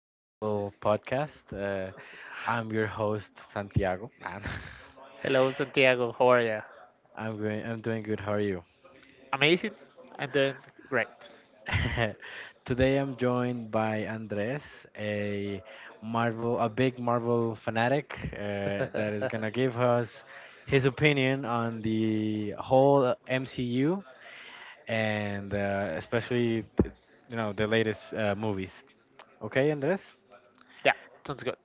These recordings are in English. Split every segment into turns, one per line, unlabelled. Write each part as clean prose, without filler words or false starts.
Marvel podcast. I'm your host, Santiago.
Hello, Santiago.
I'm doing good. How are you?
And then, great.
Today I'm joined by Andres, a Marvel, a big Marvel fanatic that is gonna give us his opinion on the whole MCU and especially, you know, the latest movies. Okay, Andres?
yeah, sounds good.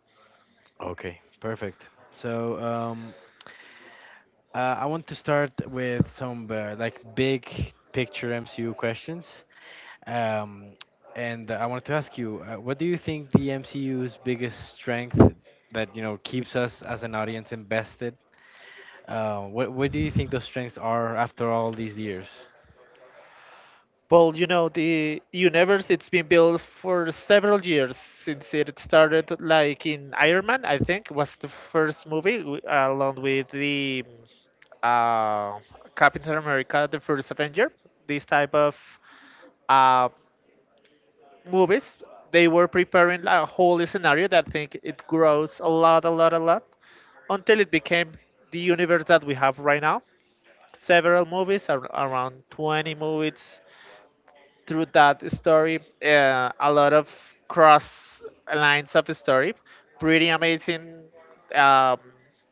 Okay, perfect. So, I want to start with some like big picture MCU questions. Um, and I wanted to ask you, what do you think the MCU's biggest strength that you know keeps us as an audience invested? What do you think those strengths are after all these years?
Well, you know, the universe it's been built for several years since it started like in Iron Man, I think was the first movie along with the uh, Captain America the First Avenger. These type of uh, movies they were preparing a whole scenario that I think it grows a lot until it became the universe that we have right now, several movies, around 20 movies through that story. A lot of cross lines of story. Pretty amazing um,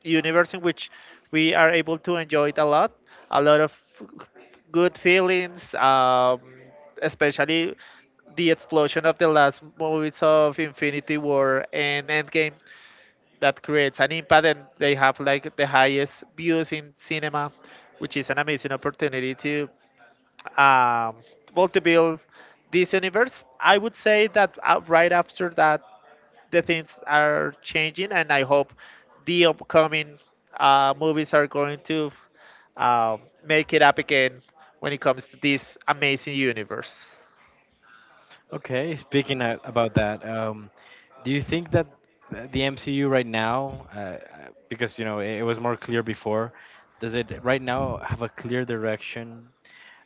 universe in which we are able to enjoy it a lot. A lot of good feelings, especially the explosion of the last movies of Infinity War and Endgame that creates an impact and they have like the highest views in cinema, which is an amazing opportunity to, um, well, to build this universe. I would say that right after that the things are changing and I hope the upcoming movies are going to, um, make it up again when it comes to this amazing universe.
Okay, speaking about that, do you think that the MCU right now, because you know it, it was more clear before, does it right now have a clear direction,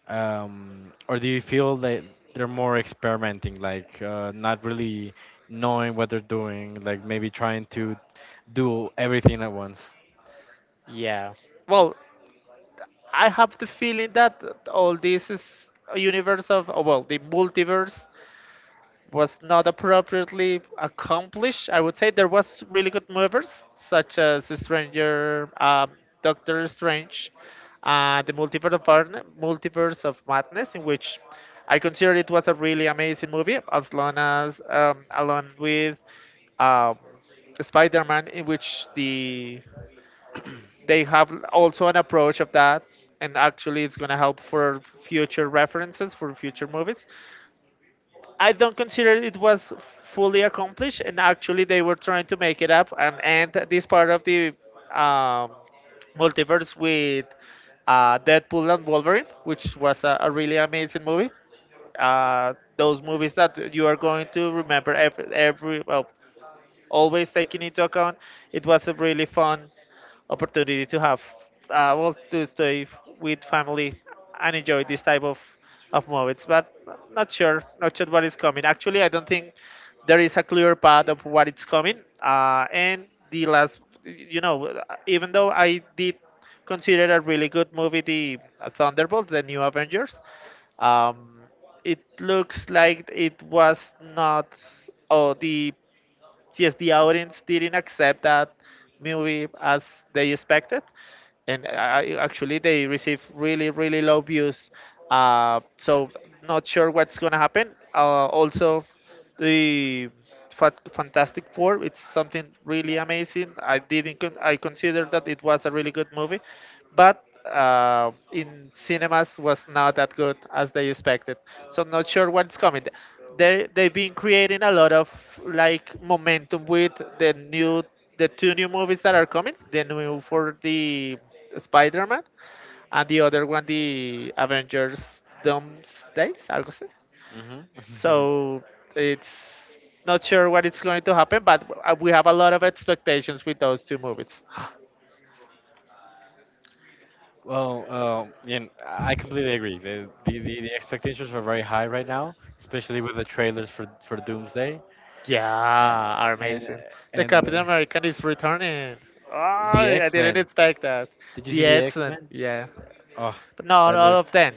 or do you feel that they're more experimenting, like not really knowing what they're doing, like maybe trying to do everything at once?
Yeah, well, I have the feeling that all this is a universe of, oh, well, the multiverse was not appropriately accomplished. I would say there was really good movies such as Stranger, Doctor Strange, the Multiverse of Madness, in which I consider it was a really amazing movie, as long as, along with, um, Spider-Man, in which they have also an approach of that, and actually it's gonna help for future references for future movies. I don't consider it was fully accomplished, and actually they were trying to make it up and end this part of the, um, multiverse with Deadpool and Wolverine, which was a really amazing movie. Those movies that you are going to remember every well, always taking into account. It was a really fun opportunity to have, well, to stay with family and enjoy this type of movies. But not sure what is coming. Actually, I don't think there is a clear path of what it's coming. And the last, you know, even though I did consider a really good movie, the Thunderbolts, the New Avengers. Um, it looks like it was not, oh, the, yes, the audience didn't accept that movie as they expected, and actually they receive really low views. So not sure what's gonna happen. Also, the Fantastic Four, it's something really amazing. I didn't I considered that it was a really good movie, but in cinemas was not that good as they expected. So not sure what's coming. They've been creating a lot of like momentum with the new, the two new movies that are coming, the new for the Spider-Man and the other one, the Avengers Doomsdays, algo así.
Hmm.
So it's not sure what it's going to happen, but we have a lot of expectations with those two movies.
Well, yeah, I completely agree. The expectations are very high right now, especially with the trailers for Doomsday,
yeah, are
A- and
amazing. The Captain
and
American is returning. Oh,
the
I
X
didn't
Men.
expect that.
Did you see
The
the X
Edson,
Men?
yeah,
Oh,
but not
that
all
looks
of them,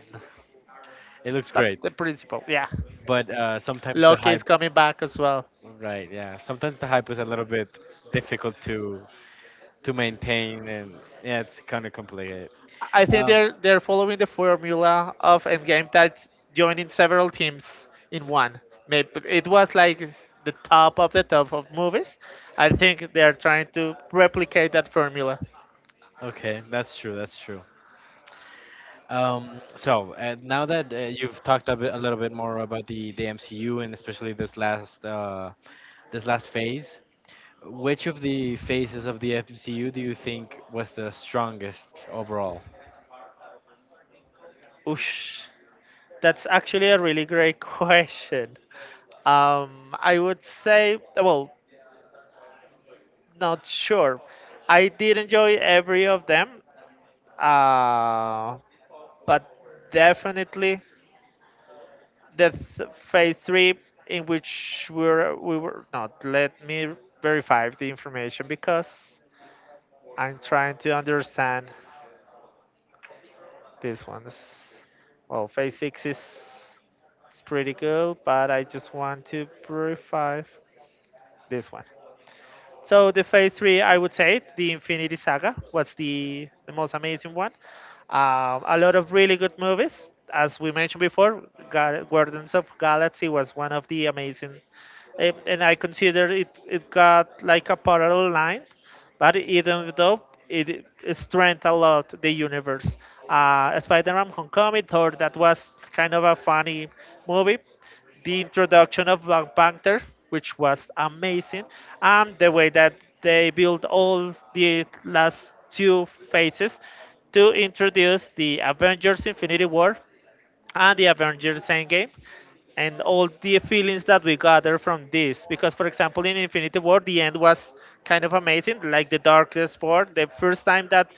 it looks
but the
great.
principal, yeah.
But sometimes the
Loki is
hype,
coming back as well.
right? Yeah, sometimes the hype is a little bit difficult to maintain, and yeah, it's kind of complicated.
I think
Um,
they're following the formula of Endgame, that's joining several teams in one. Maybe it was like the top of movies. I think they are trying to replicate that formula.
Okay, that's true. That's true. So now that you've talked a bit, a little bit more about the MCU and especially this last phase, which of the phases of the MCU do you think was the strongest overall?
Oosh, that's actually a really great question. I would say, well, not sure. I did enjoy every of them, uh, but definitely, the phase three, in which we were not let me verify the information because I'm trying to understand, this one is, well, phase six is, it's pretty good, but I just want to verify this one. So the phase three, I would say, the Infinity Saga was the most amazing one. A lot of really good movies, as we mentioned before. Guardians of Galaxy was one of the amazing, eh, and I consider it got like a parallel line, but even though it strengthened a lot the universe. Spider-Man: Homecoming, Thor, that was kind of a funny movie. The introduction of Black Panther, which was amazing, and the way that they built all the last two phases to introduce the Avengers: Infinity War and the Avengers Endgame, and all the feelings that we gather from this. Because, for example, in Infinity War, the end was kind of amazing, like the darkest part, the first time that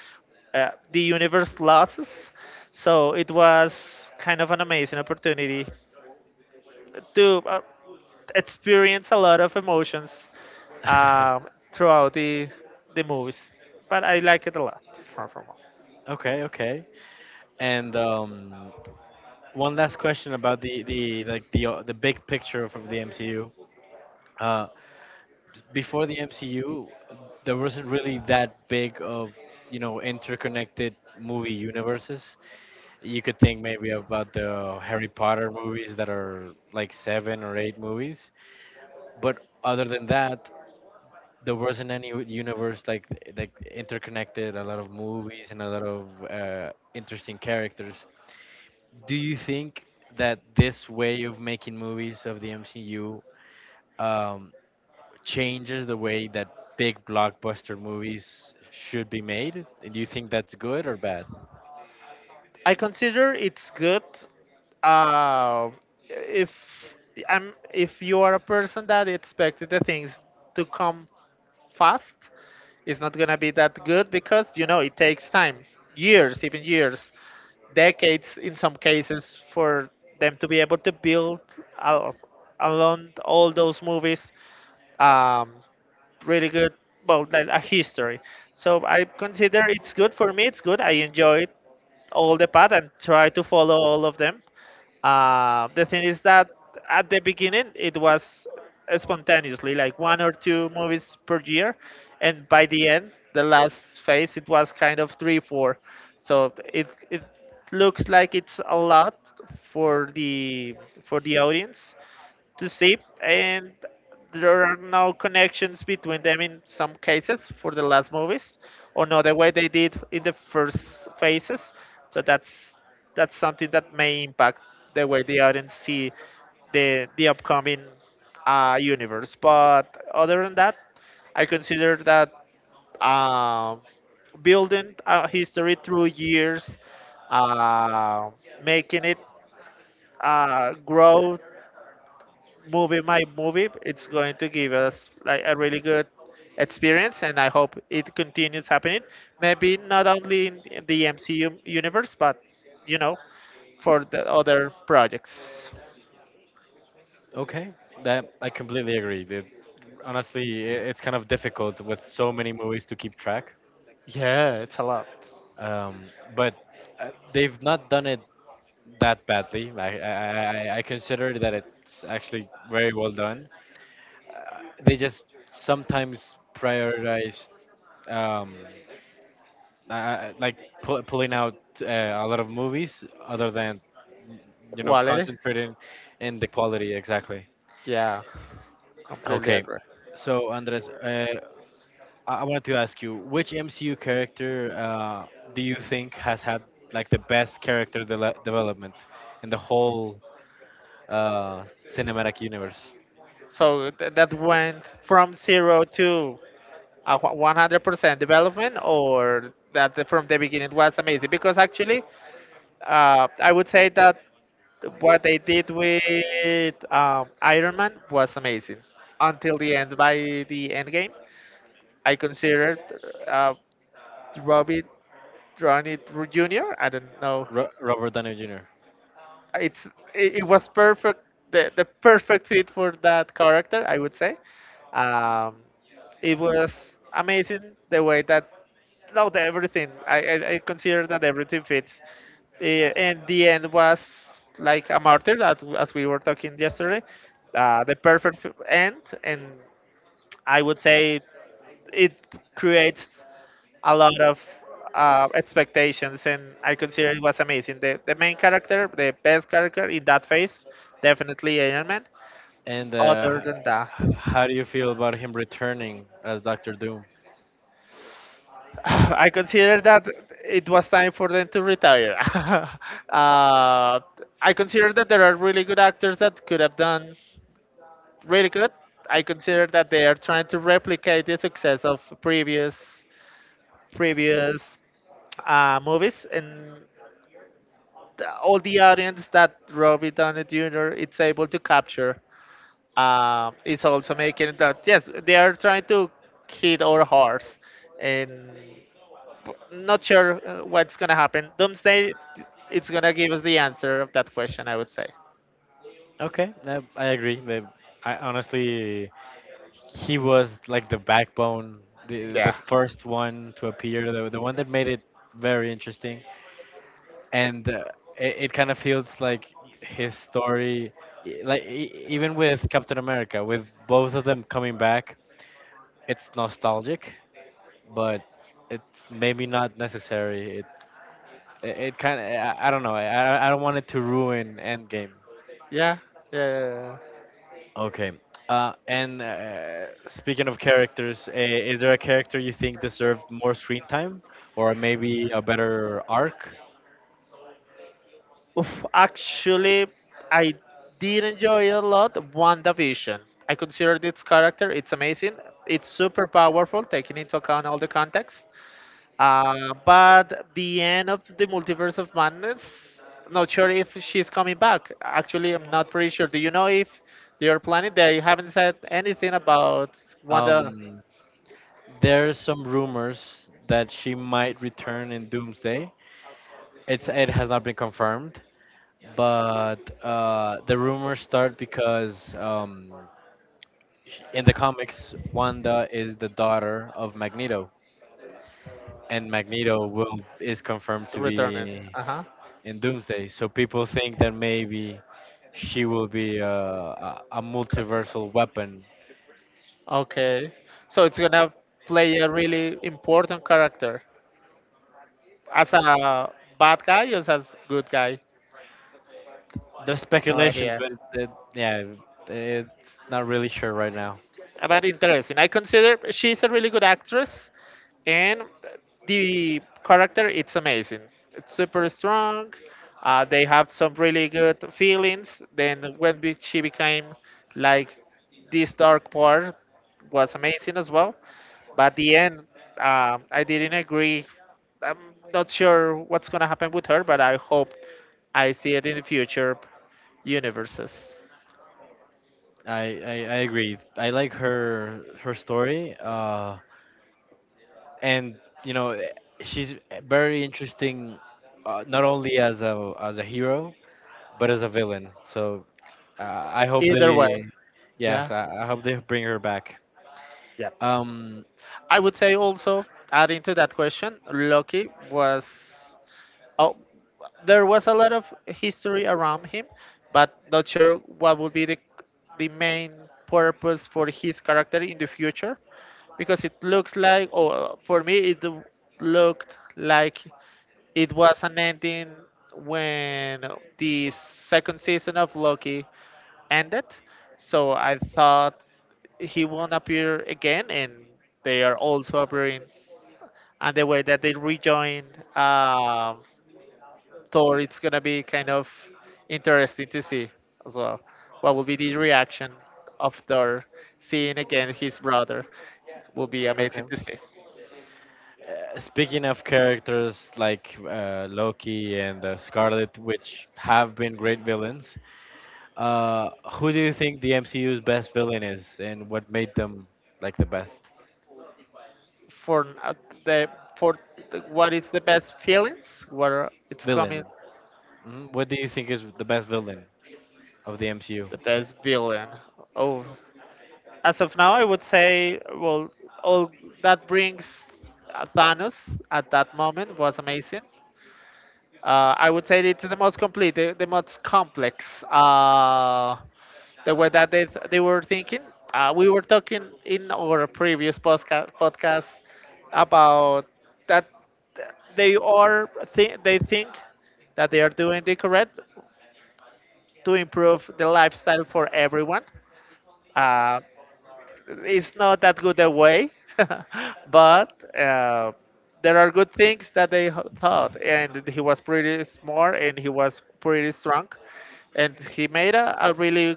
the universe loses. So it was kind of an amazing opportunity to experience a lot of emotions throughout the movies. But I like it a lot. Far from all.
Okay, okay. And one last question about the like the big picture of the MCU. Uh, before the MCU, there wasn't really that big of you know interconnected movie universes. You could think maybe about the Harry Potter movies that are like seven or eight movies, but other than that, there wasn't any universe like interconnected. A lot of movies and a lot of interesting characters. Do you think that this way of making movies of the MCU? Um, changes the way that big blockbuster movies should be made. And do you think that's good or bad?
I consider it's good, uh, if I'm if you are a person that expected the things to come fast, it's not gonna be that good, because you know it takes time, years, even years, decades in some cases, for them to be able to build, uh, along all those movies, um, really good, well, like a history. So I consider it's good. For me it's good, I enjoy it, all the path, and try to follow all of them. The thing is that at the beginning it was spontaneously like one or two movies per year, and by the end, the last phase, it was kind of three, four. So it looks like it's a lot for the audience, to SIP, and there are no connections between them in some cases for the last movies, or not the way they did in the first phases. So that's something that may impact the way the audience see the upcoming universe. But other than that, I consider that, uh, building a history through years, uh, making it, grow movie my movie, it's going to give us like a really good experience, and I hope it continues happening. Maybe not only in the MCU universe, but you know, for the other projects.
Okay, that I completely agree. Honestly, it's kind of difficult with so many movies to keep track.
Yeah, it's a lot.
Um, but they've not done it that badly. Like I consider that it's actually very well done. Uh, They just sometimes prioritize. Um, I, like pulling out uh, a lot of movies other than you know
Quality.
concentrating in the quality exactly.
Yeah, completely
Okay,
agree.
so Andres, I wanted to ask you which MCU character do you think has had like the best character dele development in the whole uh, cinematic universe?
So that went from zero to a 100% development, or that from the beginning was amazing. Because actually, I would say that what they did with, Iron Man was amazing. Until the end, by the end game, I considered, uh, Robbie Downey Jr. I don't know,
Ro Robert Downey Jr.
it's, it was perfect, the perfect fit for that character, I would say. um, it was amazing the way that, no, the everything, I consider that everything fits, and the end was like a martyr as we were talking yesterday, the perfect end, and I would say it creates a lot of, expectations, and I consider it was amazing. The main character, the best character in that phase, definitely Iron Man.
And
Other than that,
how do you feel about him returning as Doctor Doom?
I consider that it was time for them to retire. I consider that there are really good actors that could have done really good. I consider that they are trying to replicate the success of previous movies, and the, all the audience that Robbie Downey Jr. is able to capture, is also making it that yes, they are trying to hit our horse, and not sure, what's gonna happen. Doomsday, it's gonna give us the answer of that question, I would say.
Okay, I agree. They, I honestly he was like the backbone, the first one to appear, the one that made it very interesting, and it, it kind of feels like his story, like even with Captain America, with both of them coming back, it's nostalgic, but it's maybe not necessary. It kind of I don't know. I don't want it to ruin Endgame.
Yeah, yeah, yeah, yeah.
Okay. And speaking of characters, is there a character you think deserved more screen time or maybe a better arc?
Oof, actually, I did enjoy a lot WandaVision. I considered its character, it's amazing. It's super powerful, taking into account all the context. But the end of the Multiverse of Madness, not sure if she's coming back. Actually, I'm not pretty sure. Do you know if they are planning? They haven't said anything about Wanda.
Um, there's some rumors that she might return in Doomsday. It's it has not been confirmed, but the rumors start because in the comics, Wanda is the daughter of Magneto, and Magneto will is confirmed
It's
to
returning.
be
Uh huh.
in Doomsday. So people think that maybe she will be a multiversal weapon.
Okay. So it's gonna play a really important character, as a bad guy or as good guy.
There's
No
speculations,
idea.
but it, yeah, it's not really sure right now.
But interesting. I consider she's a really good actress, and the character it's amazing. It's super strong. They have some really good feelings. Then when she became like this dark part was amazing as well. But the end, I didn't agree. I'm not sure what's gonna happen with her, but I hope I see it in the future universes.
I, I, I agree. I like her her story, and you know, she's very interesting, not only as a hero but as a villain. So uh, I hope
Either way,
they, yes,
yeah.
I hope they bring her back.
Yeah.
Um,
I would say also, adding to that question, Loki was. Oh, there was a lot of history around him, but not sure what would be the main purpose for his character in the future, because it looks like, or for me, looked like it was an ending when the second season of Loki ended, so I thought he won't appear again, and they are also appearing. And the way that they rejoin, um, Thor, it's gonna be kind
kind
of
of
interesting to see as well. What will be the reaction of Thor seeing again his brother? Will be
okay.
amazing to see.
Speaking of characters like Loki and Scarlet, which have been great villains, who do you think the MCU's best villain is, and what made them like the best
for n- uh, the for the, what is the best feelings where it's coming
villain? Mhm. What do you think is the best villain of the MCU?
the best villain? Oh, as of now I would say, well, all that brings Thanos at that moment was amazing. I would say it's the most complete, the most complex. The way that they were thinking. We were talking in our previous podcast about that they think that they are doing the correct to improve the lifestyle for everyone. Uh, it's not that good a way, but there are good things that thought. And he was pretty smart and he was pretty strong. And he made a really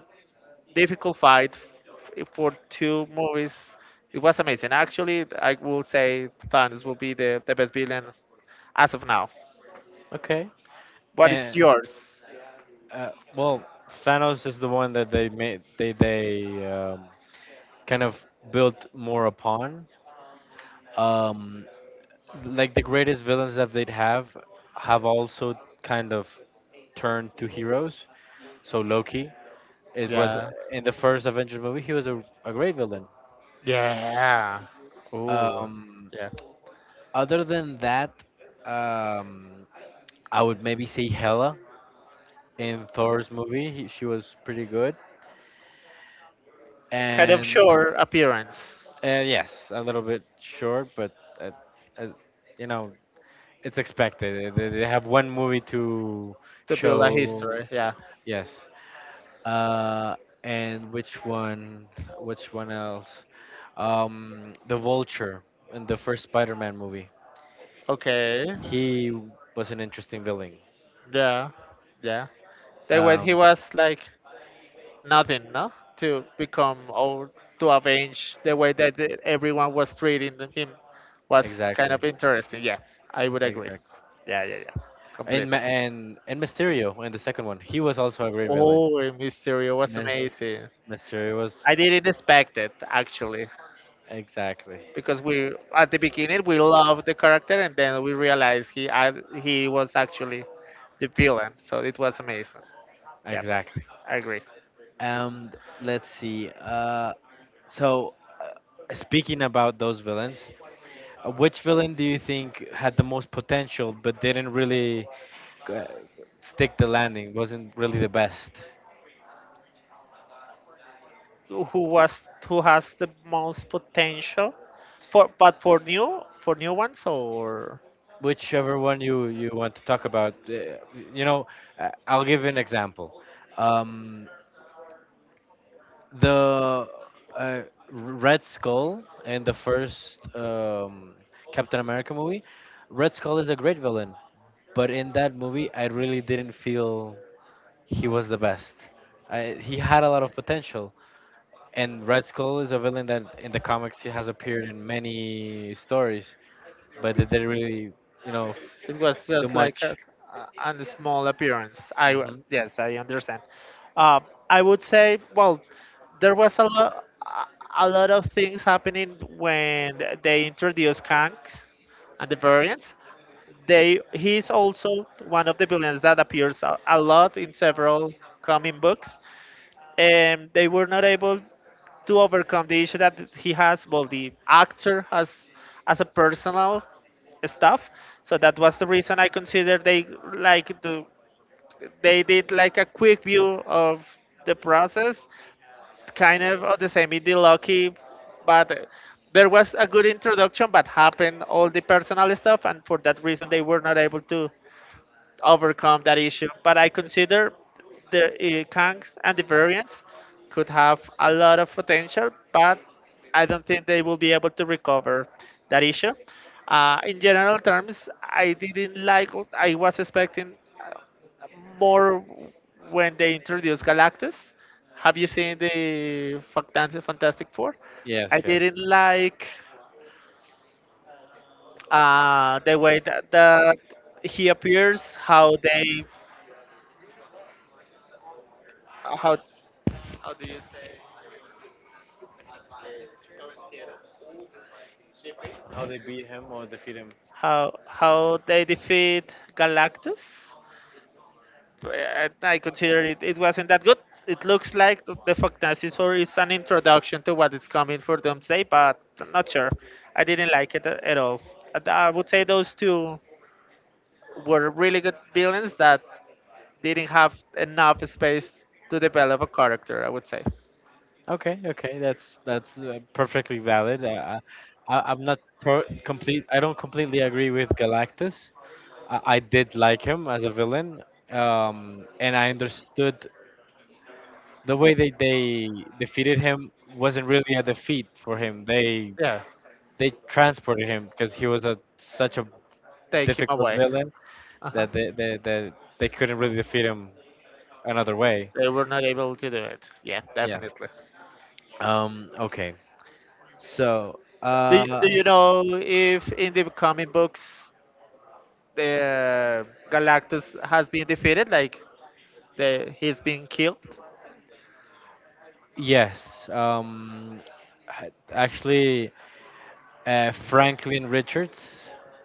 difficult fight for two movies. It was amazing. Actually, I will say Thanos will be the best villain as of now.
Okay.
But it's
And
yours.
uh, well, Thanos is the one that they made they kind of built more upon. Um, like the greatest villains that they'd have also kind of turned to heroes. So Loki, it was
Yeah.
in the first Avengers movie, he was a great villain.
Yeah. Ooh.
Um,
Yeah.
other than that, um, I would maybe say Hela in Thor's movie. He, she was pretty good.
Kind of
And
sure appearance.
uh, yes, a little bit short, but uh, you know it's expected. They have one movie to
To build a
show.
history. Yeah.
Yes. Uh, and which one? Which one else? The Vulture in the first Spider-Man movie.
Okay.
He was an interesting villain.
Yeah. Yeah. The way he
Um,
was like nothing, no, to become or to avenge the way that everyone was treating him was kind
exactly,
of interesting. Yeah, I would agree.
exactly.
Yeah, yeah, yeah.
And
Completely.
and Mysterio in the second one. He was also a great villain.
Oh, Mysterio was
Mis-
amazing.
Mysterio was
I didn't expect it actually,
exactly,
because we at the beginning we loved the character and then we realized he was actually the villain. So it was amazing. Yeah,
exactly.
I agree.
And let's see. So, speaking about those villains, which villain do you think had the most potential but didn't really uh, stick the landing? Wasn't really the best.
Who was, who has the most potential for, but for new, for new ones, or
Whichever one you you want to talk about, you know, I'll give you an example. Um, the uh, Red Skull in the first Captain America movie, Red Skull is a great villain, but in that movie, I really didn't feel he was the best. I, he had a lot of potential, and Red Skull is a villain that in the comics he has appeared in many stories, but they didn't really, you know,
it was
do
just like
much.
a small appearance.
Hmm.
Yes, I understand. Uh, I would say, well, there was a lot, a lot of things happening when they introduced Kang and the variants. They, he's also one of the villains that appears a lot in several comic books, and they were not able to overcome the issue that he has. Well, the actor has as a personal stuff, so that was the reason I consider they like, the they did like a quick view of the process, kind of the same in the Loki, but there was a good introduction, but happened all the personal stuff, and for that reason they were not able to overcome that issue. But I consider the Kangs and the variants could have a lot of potential, but I don't think they will be able to recover that issue. In general terms, I didn't like what I was expecting, uh, more, when they introduced Galactus. Have you seen the Fantastic Four?
Yes,
I
yes.
didn't like the way that he appears, how they, how
How they beat him or defeat him.
how they defeat Galactus. I consider it wasn't that good. It looks like the Fantastic Four is an introduction to what is coming for Doomsday, but I'm not sure. I didn't like it at all. And I would say those two were really good villains that didn't have enough space to develop a character, I would say.
Okay, okay, that's perfectly valid. I, I'm not per complete. I don't completely agree with Galactus. I did like him as a villain, and I understood the way they defeated him wasn't really a defeat for him.
Yeah,
They transported him because he was a such a
take him
difficult
away.
villain
Uh-huh.
that they couldn't really defeat him another way.
They were not able to do it. Yeah,
Yeah.
definitely.
Okay. So,
Do you, do you know if in the comic books the Galactus has been defeated, like he's been killed.
yes. Actually, Franklin Richards,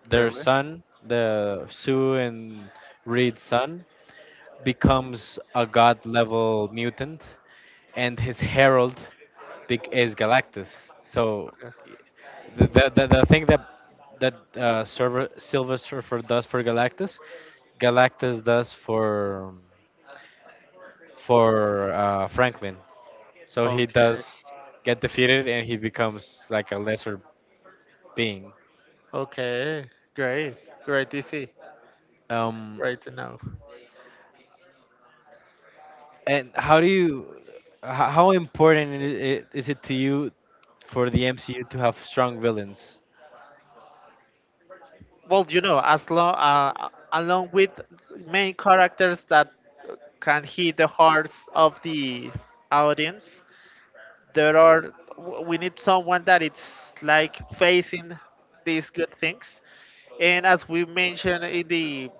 their son, the Sue and Reed's son, becomes a god level mutant, and his herald is Galactus. So, y- the the thing that that Silver Surfer does for Galactus, Galactus does for Franklin. So he does get defeated and he becomes like a lesser being.
Okay, great, great to see,
Um,
great to know.
and how important is it to you for the MCU to have strong villains?
Well, you know, as long along with main characters that can hit the hearts of the audience, there are, we need someone that it's like facing these good things, and as we mentioned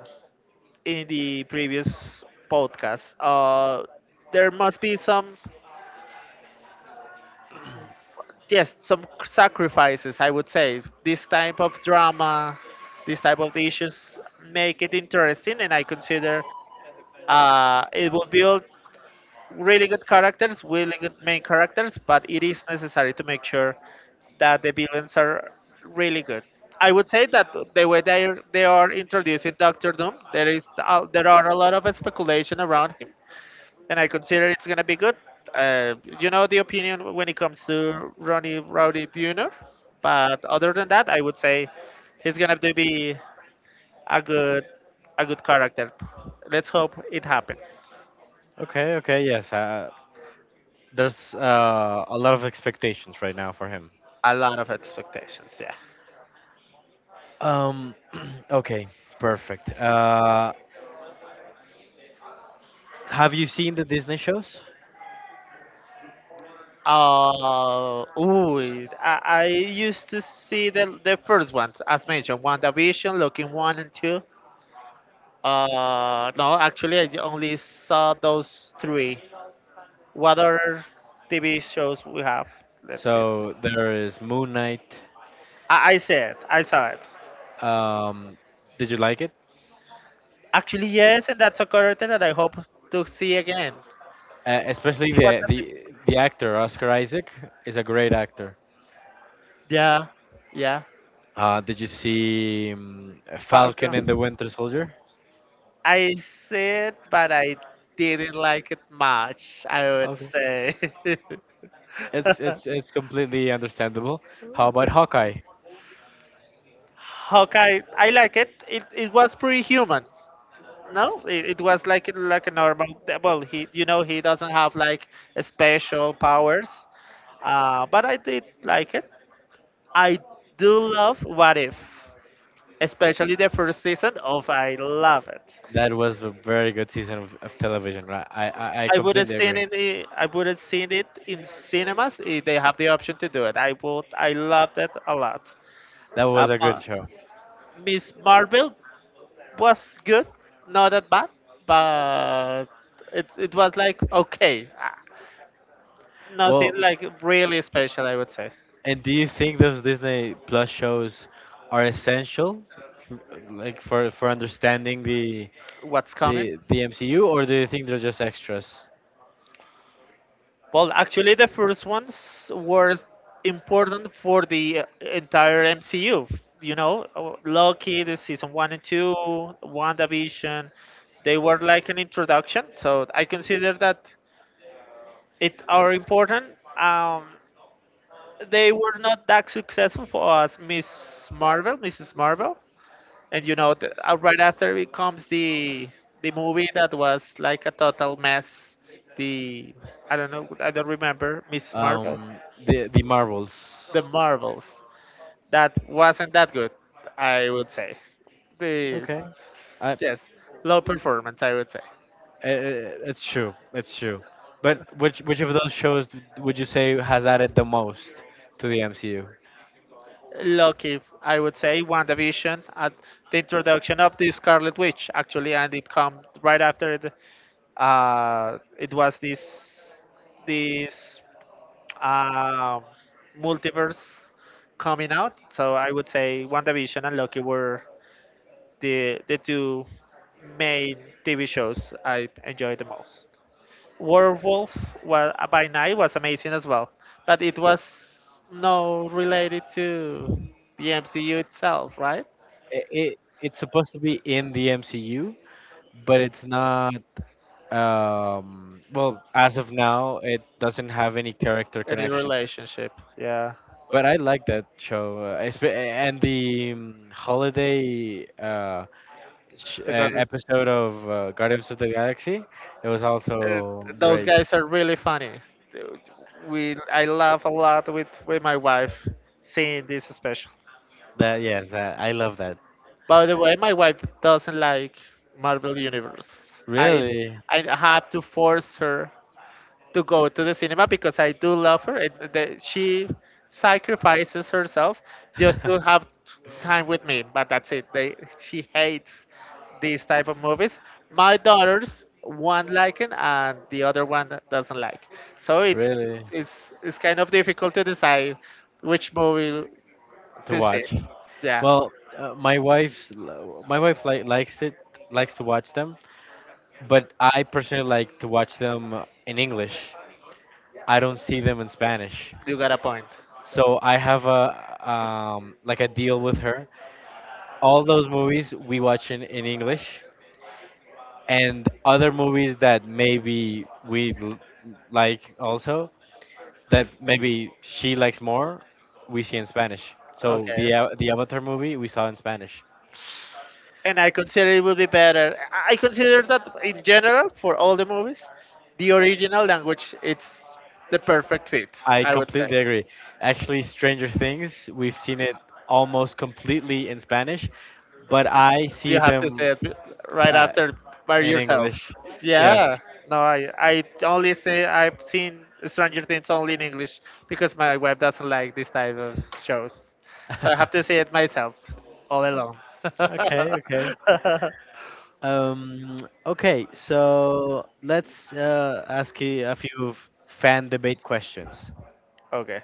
in the previous podcast, there must be some, yes, some sacrifices, I would say. This type of drama, this type of issues make it interesting, and I consider it will build really good characters, really good main characters, but it is necessary to make sure that the villains are really good. I would say that the way they are introducing Doctor Doom, there are a lot of speculation around him, and I consider it's gonna be good. You know the opinion when it comes to Ronnie Rowdy Jr., but other than that, I would say he's gonna to be a good, a good character. Let's hope it happens.
Okay, okay, yes. There's a lot of expectations right now for him.
A lot of expectations, yeah.
Um, okay, perfect. Have you seen the Disney shows?
Ooh, I used to see the first ones as mentioned, WandaVision, Looking One and Two. No, actually, I only saw those three. What other TV shows we have? Let me.
So there is Moon Knight.
I said, I saw it.
Um, did you like it?
Actually, yes, and that's a character that I hope to see again.
Especially
It was at the,
the actor Oscar Isaac is a great actor.
yeah, yeah,
Did you see Falcon and the
Falcon.
Winter Soldier?
I see it, but I didn't like it much, I would
Okay,
say.
it's completely understandable. How about Hawkeye?
Hawkeye, I like it. It was pretty human. No, it was like a normal. Well, he, you know, he doesn't have like special powers, but I did like it. I do love What If, especially the first season of, I love it.
That was a very good season of television. Right? I
I wouldn't
completely
seen
agree.
it. I wouldn't seen it in cinemas. If they have the option to do it, I would. I loved it a lot.
That
Uh,
was a good
Ma-
show.
Miss Marvel was good, not that bad, but it was like okay.
Well,
Nothing like really special, I would say.
and do you think those Disney Plus shows are essential, f- like for understanding
What's coming?
the MCU, or do you think they're just extras?
Well, actually, the first ones were important for the entire MCU. You know, Loki, the season one and two, WandaVision, they were like an introduction. So I consider that it are important. Um, they were not that successful for us, Miss Marvel, Mrs. Marvel, and you know, right after it comes the movie that was like a total mess. The, I don't know, I don't remember Miss Marvel.
Um, the marbles.
The Marbles, that wasn't that good, I would say. The,
Okay, I, uh,
yes, low performance, I would say.
it's true, it's true. But which of those shows would you say has added the most to the MCU?
Lucky, I would say WandaVision at the introduction of the Scarlet Witch, actually, and it come right after it was this um multiverse coming out. So I would say WandaVision and Lucky were the two main TV shows I enjoyed the most. Werewolf wa By Night was amazing as well, but it was no related to the MCU itself, right?
It, it it's supposed to be in the MCU, but it's not. Well, as of now, it doesn't have any character
Any
connection.
relationship? Yeah,
But I like that show, and the holiday
because
episode of Guardians of the Galaxy. It was
Uh,
also
those
great.
guys are really funny. Dude, we, I laugh a lot with my wife seeing this special.
That yes, that, I love that.
By the way, my wife doesn't like Marvel Universe. I
Really?
I have to force her to go to the cinema because I do love her. It, the, she sacrifices herself just to have time with me, but that's it. They, she hates these type of movies. My daughters, one like it and the other one doesn't like. So
Really?
it's kind of difficult to decide which movie
To
to see.
watch.
Yeah,
Well, uh, my wife's my wife likes it, likes to watch them, but I personally like to watch them in English. I don't see them in Spanish.
you got a point.
So I have a like a deal with her. All those movies we watch in English, and other movies that maybe like also that maybe she likes more, we see in Spanish. So
Okay.
The Avatar movie we saw in Spanish.
And I consider it would be better. I consider that in general for all the movies, the original language it's the perfect fit.
I
I would say.
completely agree. Actually, Stranger Things we've seen it almost completely in Spanish, but I see
You have to
them
say it, right
uh,
after, by
in
yourself.
English. Yes.
Yeah, no, I only say I've seen Stranger Things only in English because my wife doesn't like this type of shows, so I have to say it myself all alone.
Okay. Okay. Um, okay, so let's ask you a few fan debate questions.
Okay.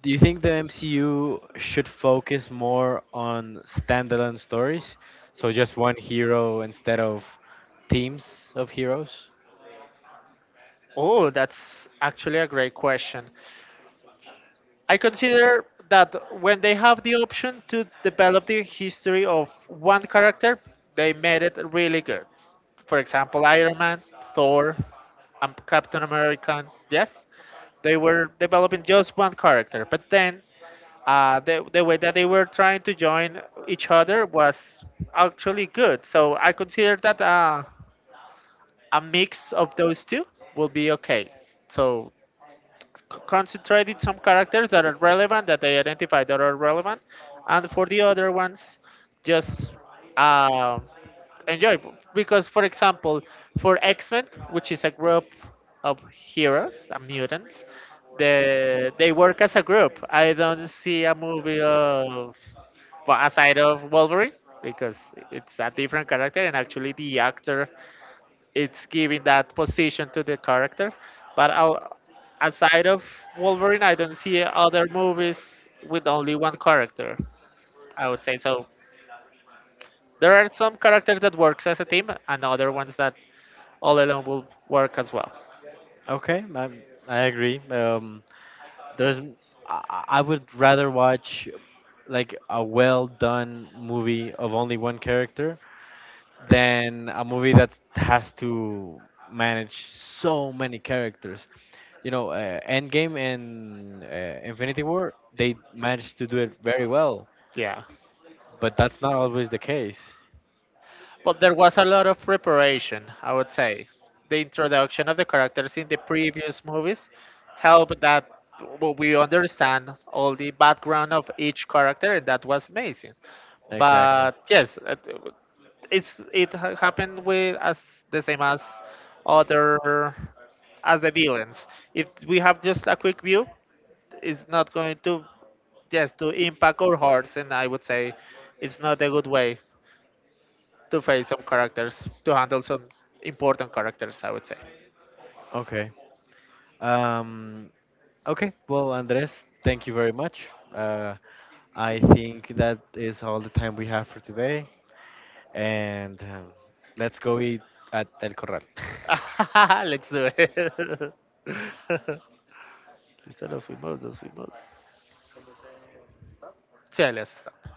Do you think the MCU should focus more on standalone stories? So just one hero instead of teams of heroes?
Oh, that's actually a great question. I consider that when they have the option to develop the history of one character, they made it really good. For example, Iron Man, Thor, and Captain America. Yes, they were developing just one character, but then the way that they were trying to join each other was actually good. So I consider that a mix of those two will be okay. So concentrated some characters that are relevant, that they identify that are relevant, and for the other ones just uh, enjoy, because for example, for X-Men, which is a group of heroes and mutants, they work as a group. I don't see a movie of, well, aside of Wolverine, because it's a different character and actually the actor it's giving that position to the character. But I'll, aside of Wolverine, I don't see other movies with only one character, I would say. So there are some characters that works as a team, and other ones that all alone will work as well.
Okay, I agree. There's, I would rather watch like a well done movie of only one character than a movie that has to manage so many characters. You know, Endgame and Infinity War, they managed to do it very well,
Yeah.
but that's not always the case.
But there was a lot of preparation, I would say. The introduction of the characters in the previous movies helped that we understand all the background of each character, and that was amazing.
Exactly.
But yes, it's happened with as the same as other, as the villains. If we have just a quick view, it's not going to just to impact our hearts, and I would say it's not a good way to face some characters, to handle some important characters, I would say.
Okay. Um, okay. Well, Andres, thank you very much. Uh, I think that is all the time we have for today, and let's go eat at El Corral.
Let's do it. Lista de los famosos, we must. Sí, let's stop.